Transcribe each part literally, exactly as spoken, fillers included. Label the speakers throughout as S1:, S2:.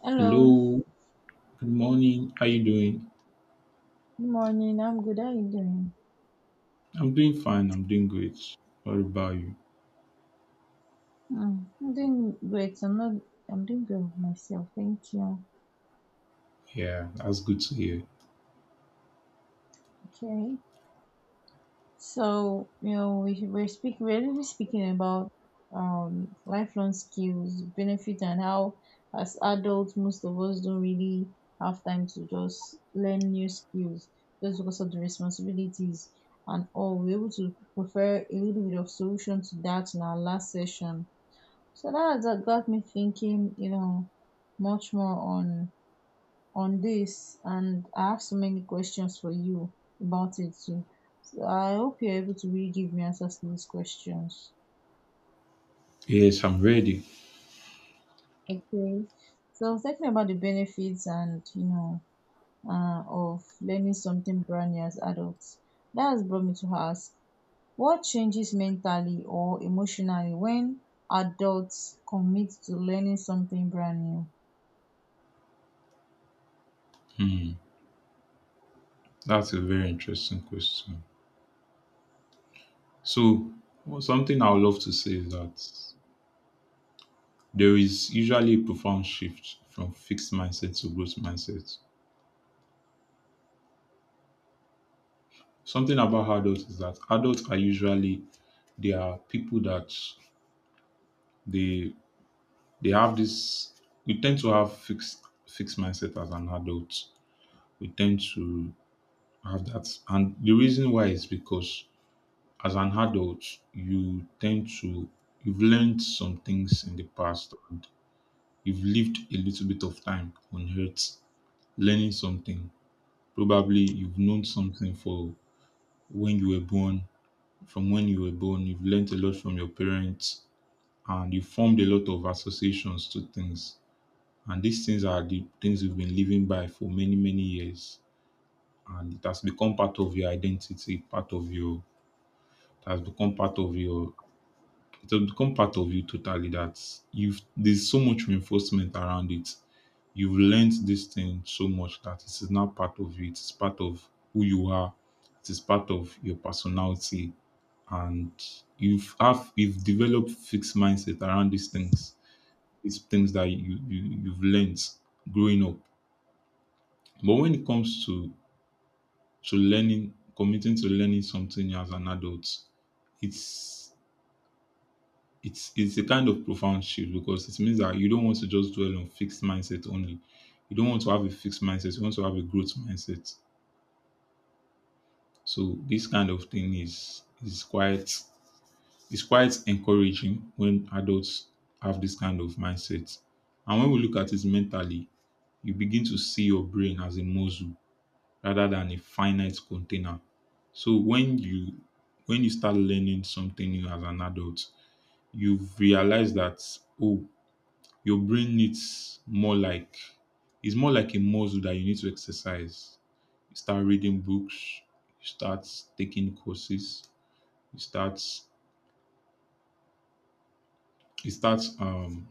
S1: Hello,
S2: Hello, good morning. How you doing?
S1: good morning. I'm good. How are you doing?
S2: I'm doing fine. I'm doing great. What about you?
S1: Mm, I'm doing great. I'm not. I'm doing good myself. Thank you.
S2: Yeah, that's good to hear.
S1: Okay. So you know we we're speaking. We're really speaking about um lifelong skills, benefit, and how as adults most of us don't really have time to just learn new skills just because of the responsibilities and all. We're able to prefer a little bit of solution to that in our last session. So that what got me thinking, you know, much more on on this, and I have so many questions for you about it too. So I hope you're able to really give me answers to these questions.
S2: Yes, I'm ready.
S1: Okay. So thinking about the benefits and you know uh, of learning something brand new as adults. That has brought me to ask, what changes mentally or emotionally when adults commit to learning something brand new?
S2: Hmm, that's a very interesting question. So, well, something I would love to say is that there is usually a profound shift from fixed mindset to growth mindset. Something about adults is that adults are usually they are people that they they have this. We tend to have fixed fixed mindset as an adult. We tend to I have that. And the reason why is because as an adult, you tend to you've learned some things in the past, and you've lived a little bit of time on earth learning something. Probably you've known something for when you were born. From when you were born, you've learned a lot from your parents and you formed a lot of associations to things. And these things are the things you've been living by for many, many years. And it has become part of your identity, part of your it has become part of your it has become part of you totally that you've there's so much reinforcement around it. You've learned this thing so much that it is now part of you. It is part of who you are. It is part of your personality, and you've have you've developed fixed mindset around these things. These things that you, you you've learned growing up. But when it comes to to learning, committing to learning something as an adult, it's It's it's a kind of profound shift because it means that you don't want to just dwell on fixed mindset only. You don't want to have a fixed mindset. You want to have a growth mindset. So this kind of thing is is quite is quite encouraging when adults have this kind of mindset. And when we look at it mentally, you begin to see your brain as a muscle rather than a finite container. So when you when you start learning something new as an adult, you've realized that oh your brain needs more like it's more like a muscle that you need to exercise. You start reading books, you start taking courses, you start it starts um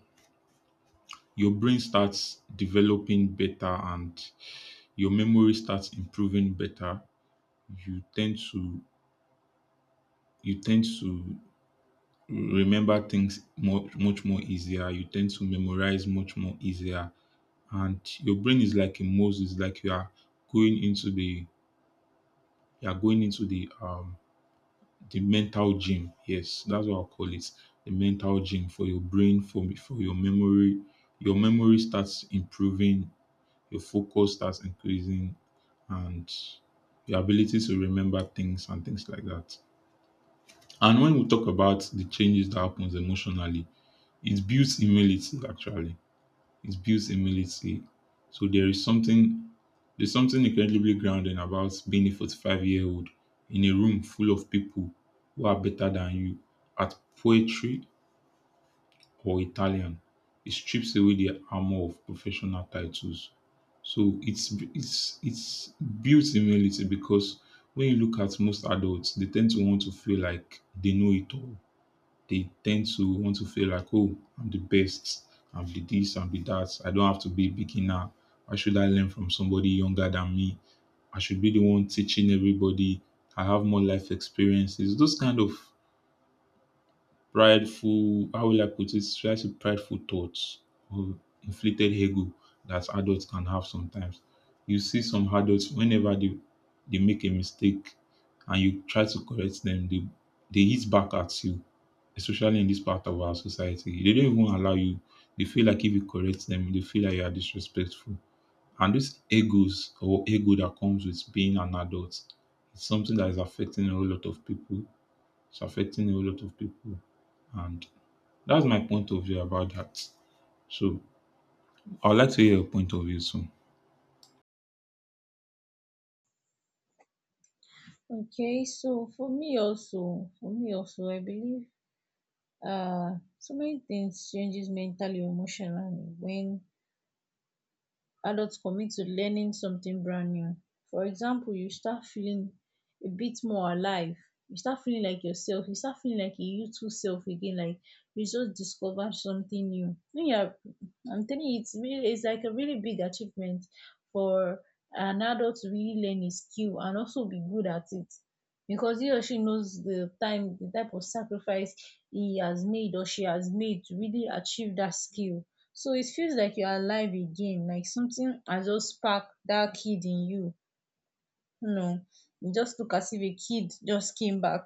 S2: your brain starts developing better and your memory starts improving better. You tend to you tend to remember things much much more easier. You tend to memorize much more easier. And your brain is like a muscle. It's like you are going into the you are going into the um the mental gym. Yes, that's what I'll call it. The mental gym for your brain, for for your memory. Your memory starts improving, your focus starts increasing, and your ability to remember things and things like that. And when we talk about the changes that happens emotionally, it builds humility actually. It builds humility. So there is something There's something incredibly grounding about being a forty-five year old in a room full of people who are better than you at poetry or Italian. It strips away the armor of professional titles. So it's it's it's built humility because when you look at most adults, they tend to want to feel like they know it all. They tend to want to feel like, oh, I'm the best. I'm the this. I'm the that. I don't have to be a beginner. Why should I learn from somebody younger than me? I should be the one teaching everybody. I have more life experiences. Those kind of prideful, how will I put it? Should I say prideful thoughts or inflated ego that adults can have sometimes. You see some adults whenever they they make a mistake and you try to correct them, they they hit back at you, especially in this part of our society. They don't even allow you. They feel like if you correct them, they feel like you are disrespectful. And this egos or ego that comes with being an adult is something that is affecting a whole lot of people. It's affecting a whole lot of people. And that's my point of view about that. So I'd like to hear your point of view soon.
S1: Okay, so for me also, for me also, I believe um so many things changes mentally or emotionally when adults commit to learning something brand new. For example, you start feeling a bit more alive. You start feeling like yourself. You start feeling like a youthful self again. Like you just discovered something new. When you're, I'm telling you, it's really, it's like a really big achievement for an adult to really learn a skill and also be good at it, because he or she knows the time, the type of sacrifice he has made or she has made to really achieve that skill. So it feels like you're alive again, like something has just sparked that kid in you. You know, you just look as if a kid just came back,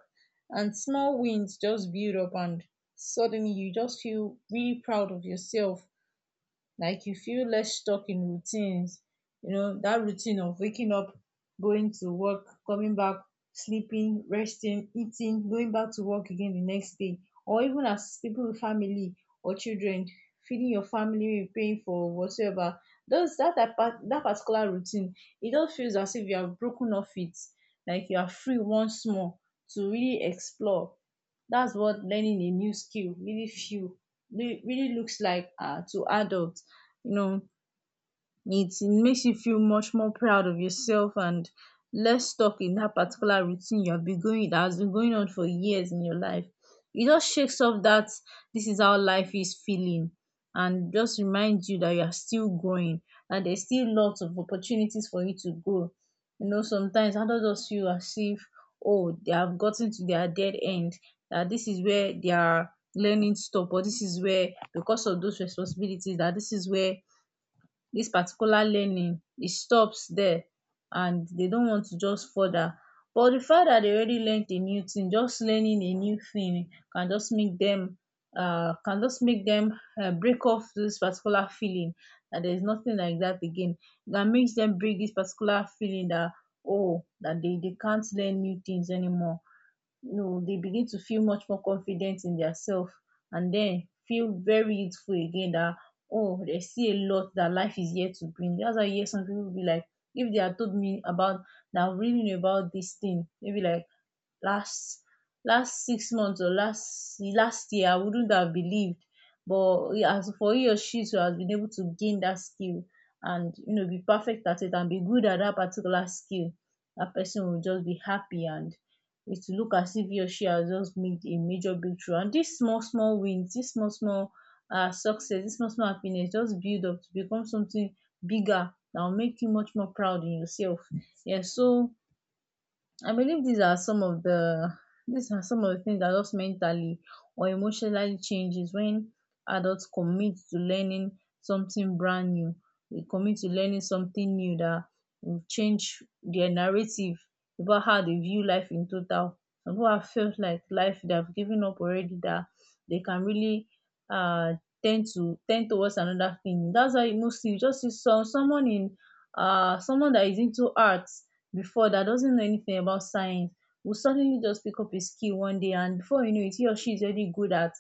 S1: and small wins just build up and suddenly you just feel really proud of yourself, like you feel less stuck in routines. You know that routine of waking up, going to work, coming back, sleeping, resting, eating, going back to work again the next day, or even as people with family or children, feeding your family, paying for whatsoever. Those that that part that particular routine, it just feels as if you have broken off it, like you are free once more to really explore. That's what learning a new skill really feel, really really looks like uh to adults. You know, it makes you feel much more proud of yourself and less stuck in that particular routine you have been going that has been going on for years in your life. It just shakes off that this is how life is feeling, and just reminds you that you are still growing and there's still lots of opportunities for you to grow. You know, sometimes adults just feel as if, oh, they have gotten to their dead end, that this is where they are learning stop, or this is where, because of those responsibilities, that this is where this particular learning it stops there, and they don't want to just further. But the fact that they already learnt a new thing, just learning a new thing can just make them, uh, can just make them um break off this particular feeling that there is nothing like that again, that makes them break this particular feeling that, oh, that they they can't learn new things anymore. You know, they begin to feel much more confident in their self and then feel very youthful again, that, oh, they see a lot that life is yet to bring. That's why you hear some people be like, if they had told me about that, I really knew about this thing, maybe like last last six months, or last last year, I wouldn't have believed. But as for he or she to has been able to gain that skill and you know be perfect at it and be good at that particular skill, that person will just be happy, and it will look as if he or she has just made a major breakthrough. And these small, small wins, this small, small uh, success, this small, small happiness just build up to become something bigger that will make you much more proud in yourself. Yeah, so I believe these are some of the these are some of the things that just mentally or emotionally changes when adults commit to learning something brand new. They commit to learning something new that will change their narrative about how they view life in total. Some people have felt like life they have given up already, that they can really uh tend to tend towards another thing. That's why mostly you just see some someone in uh someone that is into arts before, that doesn't know anything about science, will suddenly just pick up a skill one day, and before you know it he or she is already good at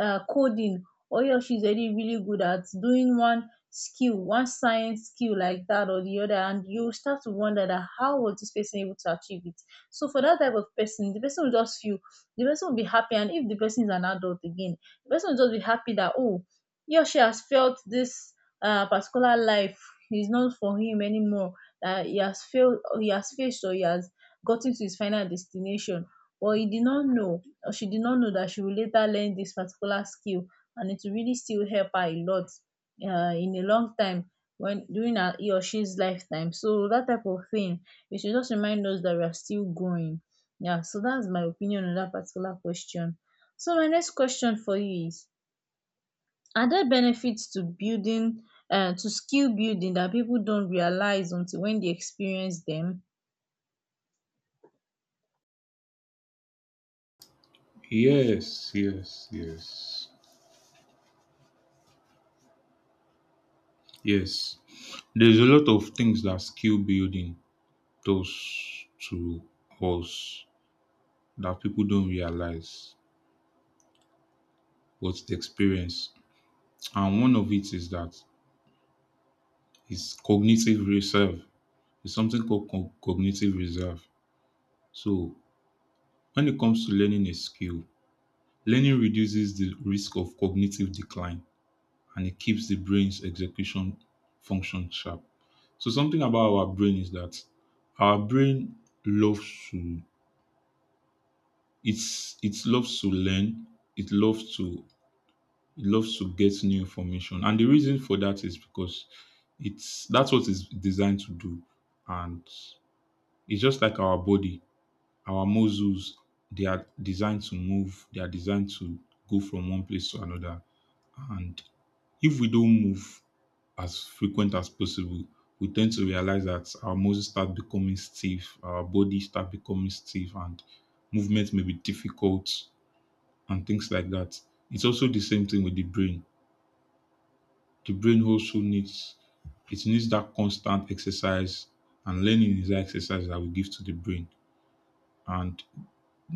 S1: uh, coding, or he or she is already really good at doing one skill, one science skill like that or the other, and you start to wonder that how was this person able to achieve it. So for that type of person, the person will just feel the person will be happy, and if the person is an adult again, the person will just be happy that, oh, he or she has felt this uh, particular life is not for him anymore, that he has failed, or he has faced, or he has gotten to his final destination, but he did not know, or she did not know, that she will later learn this particular skill, and it will really still help her a lot uh, in a long time when during her he or she's lifetime. So that type of thing, it should just remind us that we are still growing. Yeah, so that's my opinion on that particular question. So my next question for you is, are there benefits to building uh, to skill building that people don't realize until when they experience them?
S2: Yes, yes, yes. Yes. There's a lot of things that skill building does to us that people don't realize what's the experience. And one of it is that it's cognitive reserve. It's something called co- cognitive reserve. So, when it comes to learning a skill, learning reduces the risk of cognitive decline and it keeps the brain's execution function sharp. So, something about our brain is that our brain loves to it's it loves to learn, it loves to it loves to get new information, and the reason for that is because it's that's what it's designed to do, and it's just like our body, our muscles. They are designed to move. They are designed to go from one place to another, and if we don't move as frequent as possible, we tend to realize that our muscles start becoming stiff, our body start becoming stiff, and movement may be difficult and things like that. It's also the same thing with the brain. The brain also needs it needs that constant exercise, and learning is that exercise that we give to the brain. And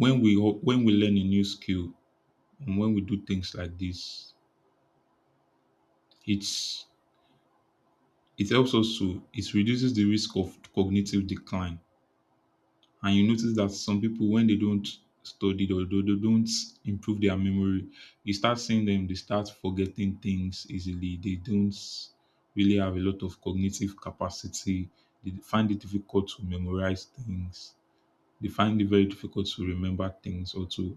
S2: when we when we learn a new skill, And when we do things like this, it's it helps us to it reduces the risk of cognitive decline. And you notice that some people when they don't study or they they don't improve their memory, you start seeing them, they start forgetting things easily. They don't really have a lot of cognitive capacity. They find it difficult to memorize things. They find it very difficult to remember things or to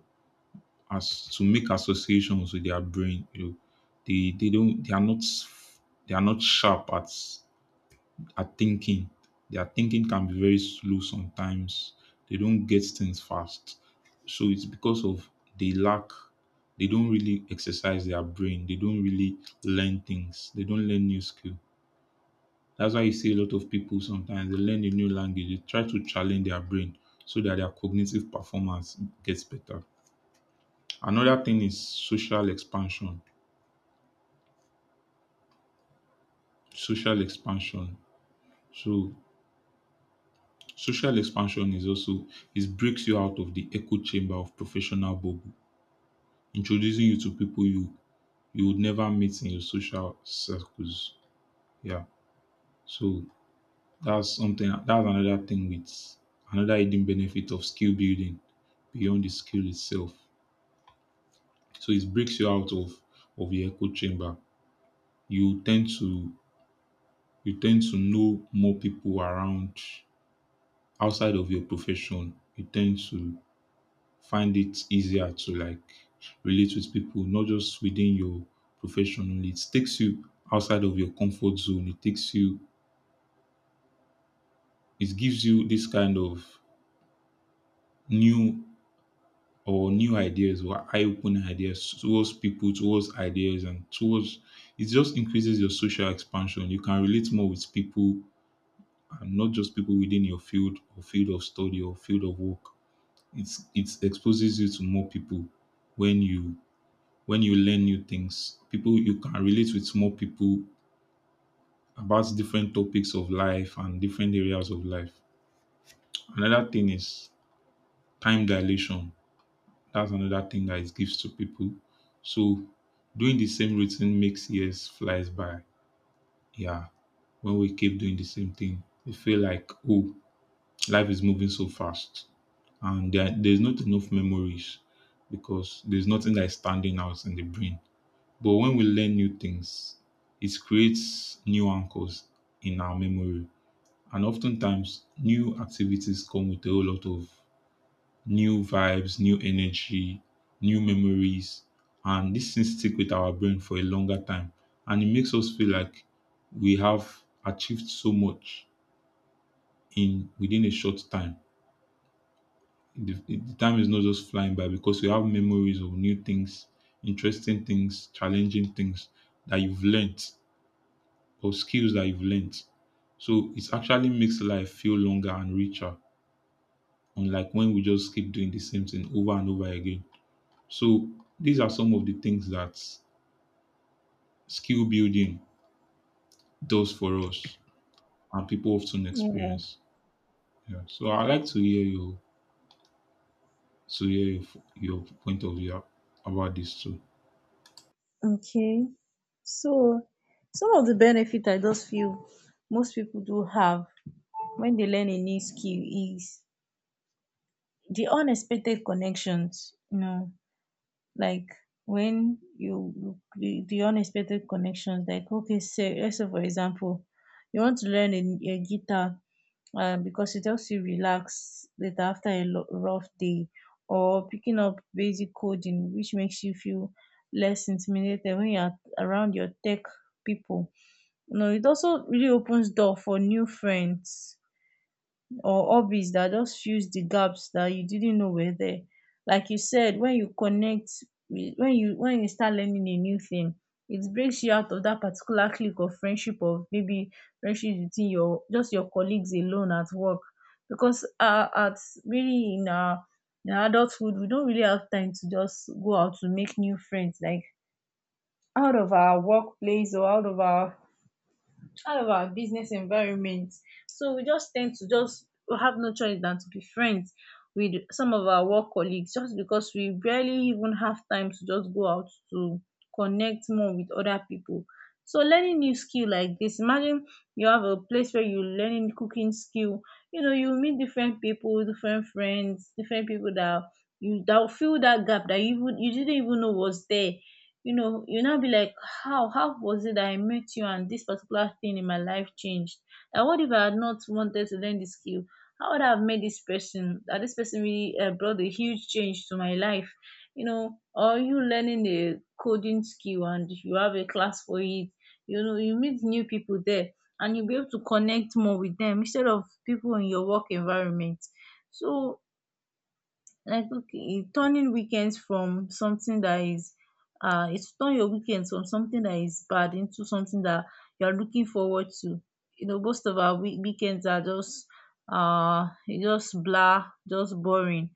S2: as to make associations with their brain. You know, they they don't they are not they are not sharp at at thinking. Their thinking can be very slow sometimes. They don't get things fast. So it's because of they lack they don't really exercise their brain. They don't really learn things. They don't learn new skill. That's why you see a lot of people sometimes they learn a new language. They try to challenge their brain so that their cognitive performance gets better. Another thing is social expansion. Social expansion. So social expansion is also it breaks you out of the echo chamber of professional bubble, introducing you to people you you would never meet in your social circles. Yeah. So that's something that's another thing, with another hidden benefit of skill building beyond the skill itself. So it breaks you out of of the echo chamber. You tend to you tend to know more people around outside of your profession. You tend to find it easier to like relate with people, not just within your profession only. It takes you outside of your comfort zone. It takes you, it gives you this kind of new or new ideas or eye-opening ideas towards people, towards ideas, and towards it just increases your social expansion. You can relate more with people and not just people within your field or field of study or field of work. It's it exposes you to more people when you when you learn new things. People you can relate with more people about different topics of life and different areas of life. Another thing is time dilation. That's another thing that it gives to people. So doing the same routine makes years flies by. Yeah. When we keep doing the same thing, we feel like, oh, life is moving so fast. And there, there's not enough memories because there's nothing that is standing out in the brain. But when we learn new things, it creates new anchors in our memory. And oftentimes, new activities come with a whole lot of new vibes, new energy, new memories. And these things stick with our brain for a longer time. And it makes us feel like we have achieved so much in within a short time. The, the time is not just flying by because we have memories of new things, interesting things, challenging things that you've learned or skills that you've learnt. So it actually makes life feel longer and richer, unlike when we just keep doing the same thing over and over again. So these are some of the things that skill building does for us and people often
S1: Yeah.
S2: experience. Yeah. So I like to hear your to hear your, your point of view about this too.
S1: Okay. So some of the benefit I just feel most people do have when they learn a new skill is the unexpected connections, you know. Like when you you- the, the unexpected connections, like, okay, say let's say for example you want to learn a, a guitar, uh, because it helps you relax later after a lo- rough day, or picking up basic coding which makes you feel less intimidated when you're around your tech people. No, it also really opens door for new friends or hobbies that just fills the gaps that you didn't know were there. Like you said, when you connect with, when you when you start learning a new thing, it breaks you out of that particular clique of friendship, of maybe friendship between your just your colleagues alone at work. Because uh at really in our in our adulthood, we don't really have time to just go out to make new friends, like out of our workplace, or out of our all of our business environment. So we just tend to just, we have no choice than to be friends with some of our work colleagues, just because we barely even have time to just go out to connect more with other people. So learning new skill like this, imagine you have a place where you're learning cooking skill, you know, you meet different people, different friends, different people that you, that will fill that gap that you even you didn't even know was there. You know, you now be like, how how was it that I met you, and this particular thing in my life changed, and what if I had not wanted to learn this skill, how would I have met this person, that this person really uh, brought a huge change to my life. You know, or you learning the coding skill, and you have a class for it, you know, you meet new people there, and you'll be able to connect more with them instead of people in your work environment. So, like, okay, turning weekends from something that is uh it's turn your weekends from something that is bad into something that you're looking forward to. You know, most of our week weekends are just uh just blah, just boring.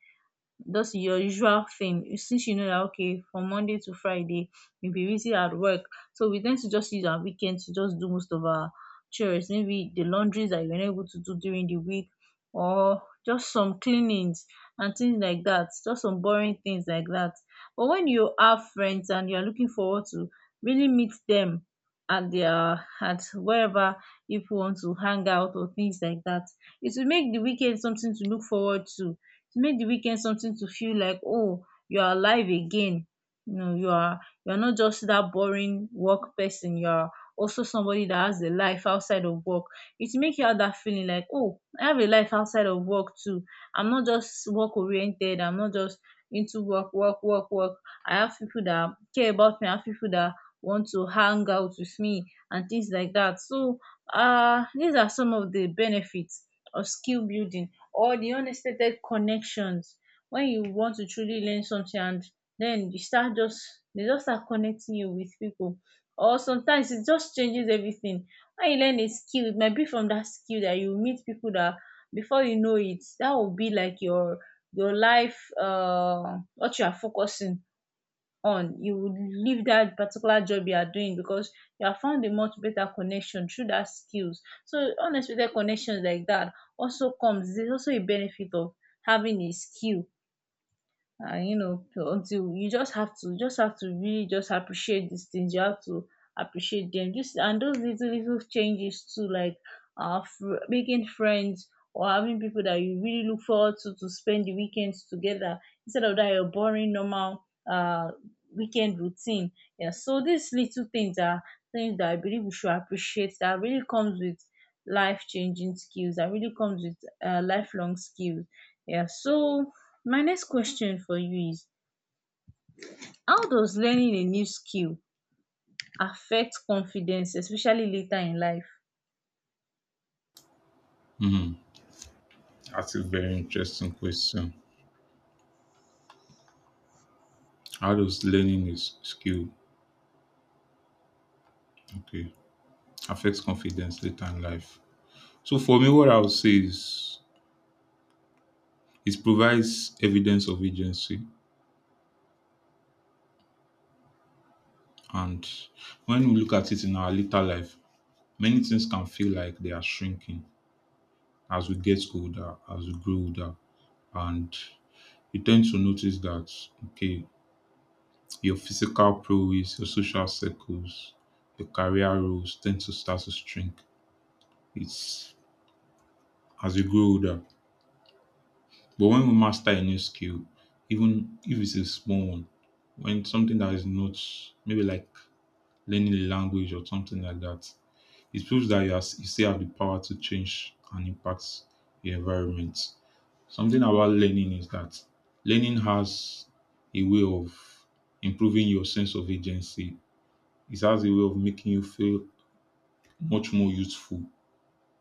S1: That's your usual thing. You- since you know that, okay, from Monday to Friday you will be busy at work, so we tend to just use our weekend to just do most of our chores, maybe the laundries that you are not able to do during the week, or just some cleanings and things like that, just some boring things like that. But when you have friends and you are looking forward to really meet them at their, at wherever, if you want to hang out or things like that, it will make the weekend something to look forward to to make the weekend something to feel like, oh, you are alive again. You know, you are you are not just that boring work person, you are also somebody that has a life Outside of work, it make you have that feeling like, oh, I have a life outside of work too. I'm not just work oriented, I'm not just into work, work, work, work. I have people that care about me, I have people that want to hang out with me and things like that. So uh these are some of the benefits of skill building, or the unexpected connections. When you want to truly learn something and then you start just, they just start connecting you with people, or sometimes it just changes everything. When you learn a skill, it might be from that skill that you meet people that, before you know it, that will be like your your life, uh what you are focusing on. You would leave that particular job you are doing because you have found a much better connection through that skills. So unexpected connections like that also comes. There's also a benefit of having a skill, and you know, until you just have to just have to really just appreciate these things. You have to appreciate them just, and those little little changes too, like uh fr- making friends, or having people that you really look forward to to spend the weekends together, instead of that your boring normal uh weekend routine. Yeah, so these little things are things that I believe we should appreciate, that really comes with life changing skills, that really comes with uh, lifelong skills. Yeah, so my next question for you is, how does learning a new skill affect confidence, especially later in life?
S2: That's a very interesting question. How does learning is skill okay affects confidence later in life? So for me, what I would say is, it provides evidence of agency. And when we look at it in our later life, many things can feel like they are shrinking as we get older, as we grow older. And you tend to notice that, okay, your physical prowess, your social circles, your career roles tend to start to shrink. It's as you grow older. But when we master a new skill, even if it's a small one, when something that is not maybe like learning a language or something like that, it proves that you, are, you still have the power to change and impact your environment. Something about learning is that learning has a way of improving your sense of agency. It has a way of making you feel much more useful,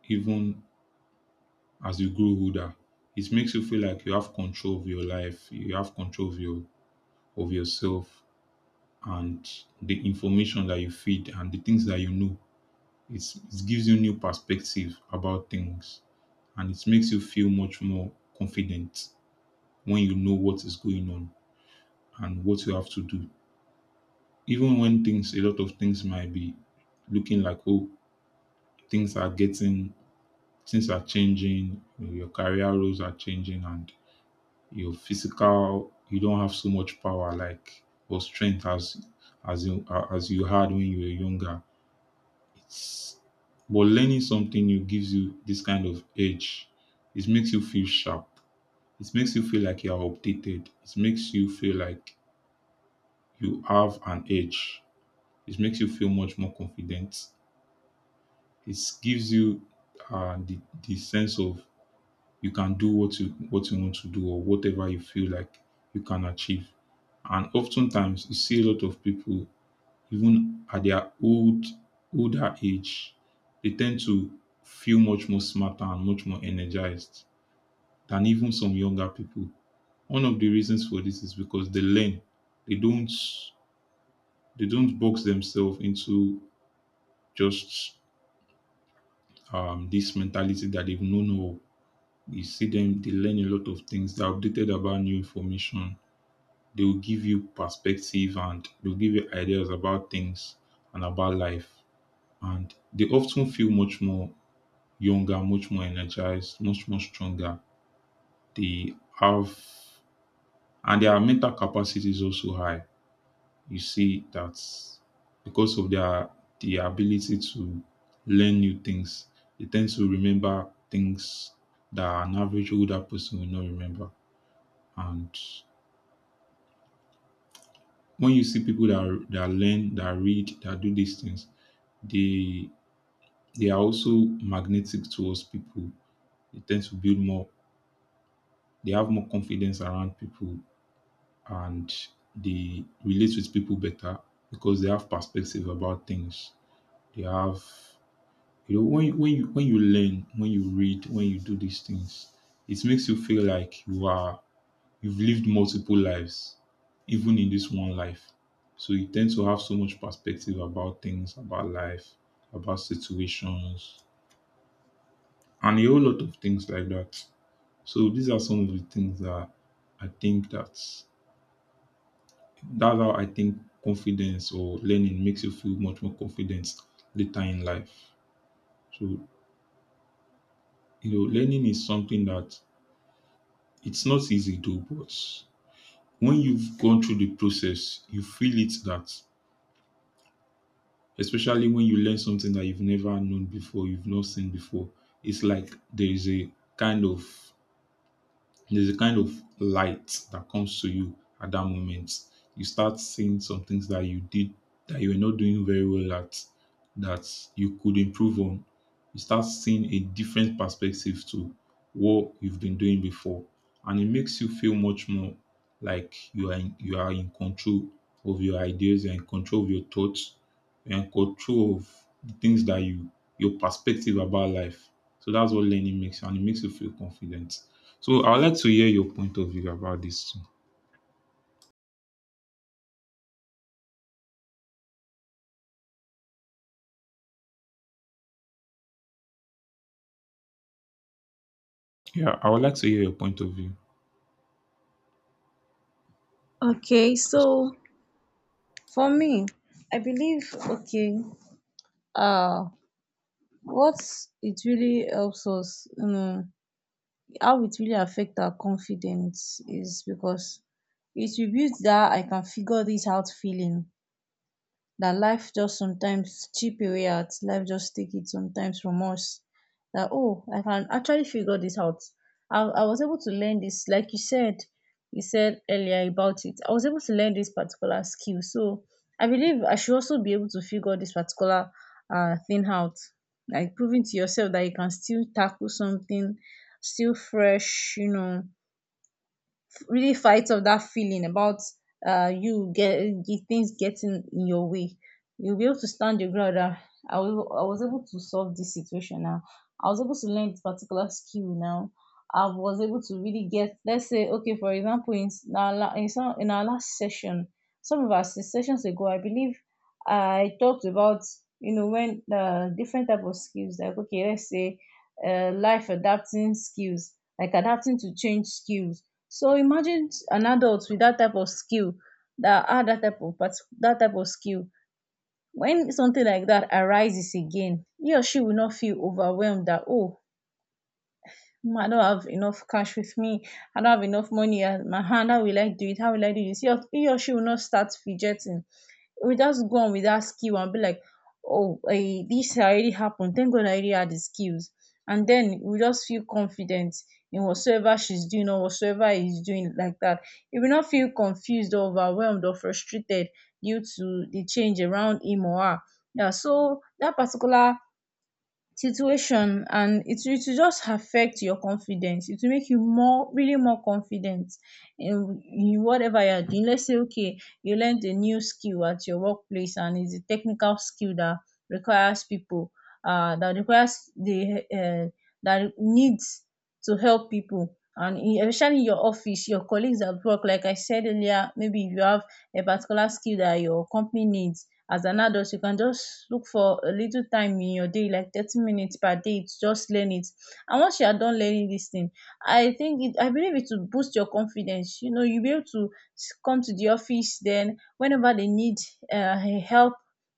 S2: even as you grow older. It makes you feel like you have control of your life, you have control of your of yourself and the information that you feed and the things that you know. It's, it gives you new perspective about things. And it makes you feel much more confident when you know what is going on and what you have to do. Even when things, a lot of things might be looking like, oh, things are getting, things are changing, you know, your career roles are changing, and your physical, you don't have so much power like or strength as as you as you had when you were younger. It's but learning something new gives you this kind of edge. It makes you feel sharp. It makes you feel like you are updated. It makes you feel like you have an edge. It makes you feel much more confident. It gives you uh, the, the sense of you can do what you what you want to do or whatever you feel like you can achieve. And oftentimes you see a lot of people, even at their old older age, they tend to feel much more smarter and much more energized than even some younger people. One of the reasons for this is because they learn. They don't they don't box themselves into just um, this mentality that they've known all. You see them, they learn a lot of things. They're updated about new information. They will give you perspective and they'll give you ideas about things and about life. And they often feel much more younger, much more energized, much more stronger. They have and their mental capacity is also high. You see that because of their the ability to learn new things, they tend to remember things that an average older person will not remember. And when you see people that that learn, that read, that do these things, they they are also magnetic towards people. They tend to build more. They have more confidence around people, and they relate with people better because they have perspective about things. They have you know, when you when you when you learn, when you read, when you do these things, it makes you feel like you are you've lived multiple lives, even in this one life. So you tend to have so much perspective about things, about life, about situations, and a whole lot of things like that. So these are some of the things that I think that's that's how I think confidence or learning makes you feel much more confident later in life. So you know, learning is something that it's not easy though, but when you've gone through the process, you feel it that, especially when you learn something that you've never known before, you've not seen before, it's like there is a kind of There's a kind of light that comes to you at that moment. You start seeing some things that you did that you were not doing very well at that you could improve on. You start seeing a different perspective to what you've been doing before. And it makes you feel much more like you are in, you are in control of your ideas, you're in control of your thoughts, you're in control of the things that you your perspective about life. So that's what learning makes you and it makes you feel confident. So I would like to hear your point of view about this too. Yeah, I would like to hear your point of view.
S1: Okay,
S2: 'Cause-
S1: so for me, I believe, okay, uh what it really helps us, you know, how it really affect our confidence is because it will build that "I can figure this out" feeling, that life just sometimes chip away, at life just take it sometimes from us, that, oh, I can actually figure this out. I, I was able to learn this, like you said, you said earlier about it. I was able to learn this particular skill. So I believe I should also be able to figure this particular uh thing out. Like proving to yourself that you can still tackle something still fresh, you know, really fight off that feeling about, uh, you get the things getting in your way. You'll be able to stand your ground. That I was I was able to solve this situation now. I was able to learn this particular skill now. I was able to really get. Let's say, okay, for example, in s- in our la- in, some, in our last session, some of our s- sessions ago, I believe I talked about, you know, when uh, different type of skills, like, okay, let's say, uh, life adapting skills, like adapting to change skills. So imagine an adult with that type of skill, that had that type of partic- that type of skill. When something like that arises again, he or she will not feel overwhelmed that, oh, "Mm, I don't have enough cash with me. I don't have enough money at my hand. How will I do it? How will I do this?" He or, he or she will not start fidgeting. We just go on with that skill and be like, oh, eh, this already happened. Thank God I already had the skills. And then we just feel confident in whatsoever she's doing or whatsoever he's doing like that. He will not feel confused or overwhelmed or frustrated due to the change around him or her. Yeah, so that particular situation, and it will it will just affect your confidence. It will make you more, really more confident in in whatever you are doing. Let's say, okay, you learned a new skill at your workplace, and it's a technical skill that requires people, uh that requires the uh that needs to help people, and in, especially in your office, your colleagues at work. Like I said earlier, maybe if you have a particular skill that your company needs as an adult, you can just look for a little time in your day, like thirty minutes per day, to just learn it. And once you are done learning this thing, I think it I believe it will boost your confidence. You know, you'll be able to s- come to the office, then whenever they need um help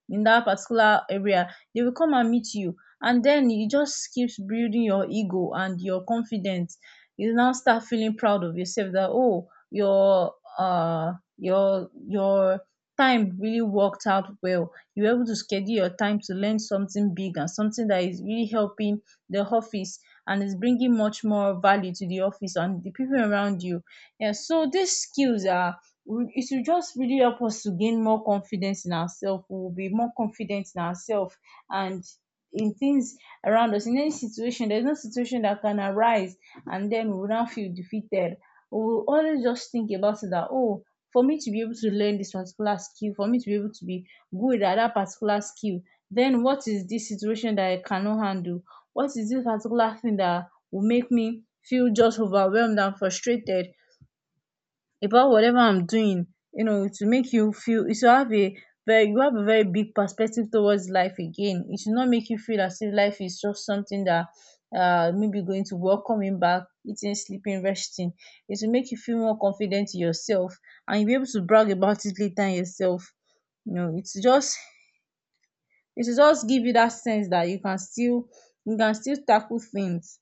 S1: in that particular area, they will come and meet you. And then you just keeps building your ego and your confidence. You now start feeling proud of yourself that, oh, your uh your your time really worked out well. You were able to schedule your time to learn something big and something that is really helping the office and is bringing much more value to the office and the people around you. Yeah, so these skills are, it will just really help us to gain more confidence in ourselves. We will be more confident in ourselves, and in things around us. In any situation, there's no situation that can arise and then we will not feel defeated. We will always just think about it that, oh, for me to be able to learn this particular skill, for me to be able to be good at that particular skill, then what is this situation that I cannot handle? What is this particular thing that will make me feel just overwhelmed and frustrated about whatever I'm doing? You know, to make you feel, it should have a very, you have a very big perspective towards life again. It should not make you feel as if life is just something that, uh maybe going to work, coming back, eating, sleeping, resting. It should make you feel more confident in yourself, and you'll be able to brag about it later in yourself. You know, it's just, it should just give you that sense that you can still you can still tackle things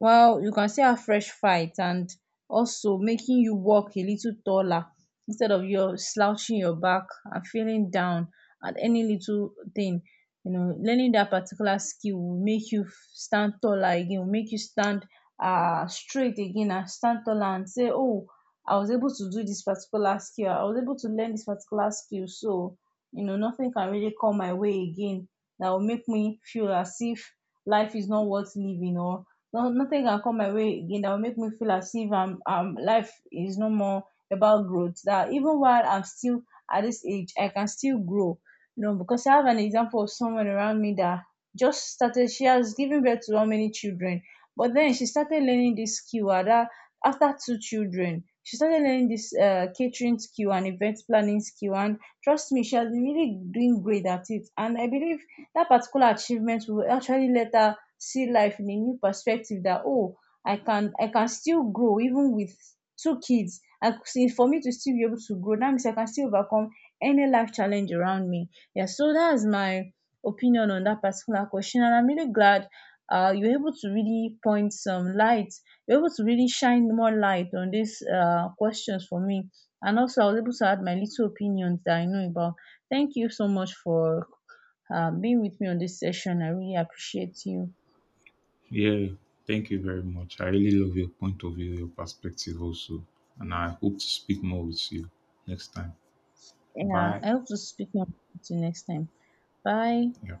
S1: well, you can see how fresh fight, and also making you walk a little taller instead of your slouching your back and feeling down at any little thing. You know, learning that particular skill will make you f- stand taller again, will make you stand uh straight again and stand taller and say, oh, I was able to do this particular skill, I was able to learn this particular skill. So you know, nothing can really come my way again that will make me feel as if life is not worth living, or no, nothing can come my way again that will make me feel as if I'm um life is no more about growth. That even while I'm still at this age, I can still grow. You know, because I have an example of someone around me that just started. She has given birth to how many children, but then she started learning this skill. At that, after two children, she started learning this uh, catering skill and event planning skill. And trust me, she has been really doing great at it. And I believe that particular achievement will actually let her see life in a new perspective that, oh, i can i can still grow, even with two kids. And see, for me to still be able to grow, that means I can still overcome any life challenge around me. Yeah, so that's my opinion on that particular question, and I'm really glad uh, you're able to really point some light, you're able to really shine more light on these uh, questions for me. And also I was able to add my little opinions that I know about. Thank you so much for uh, being with me on this session. I really appreciate you.
S2: yeah, thank you very much. I really love your point of view, your perspective also. And I hope to speak more with you next time.
S1: Yeah,
S2: Bye.
S1: I hope to speak more to you next time. Bye.
S2: Yeah.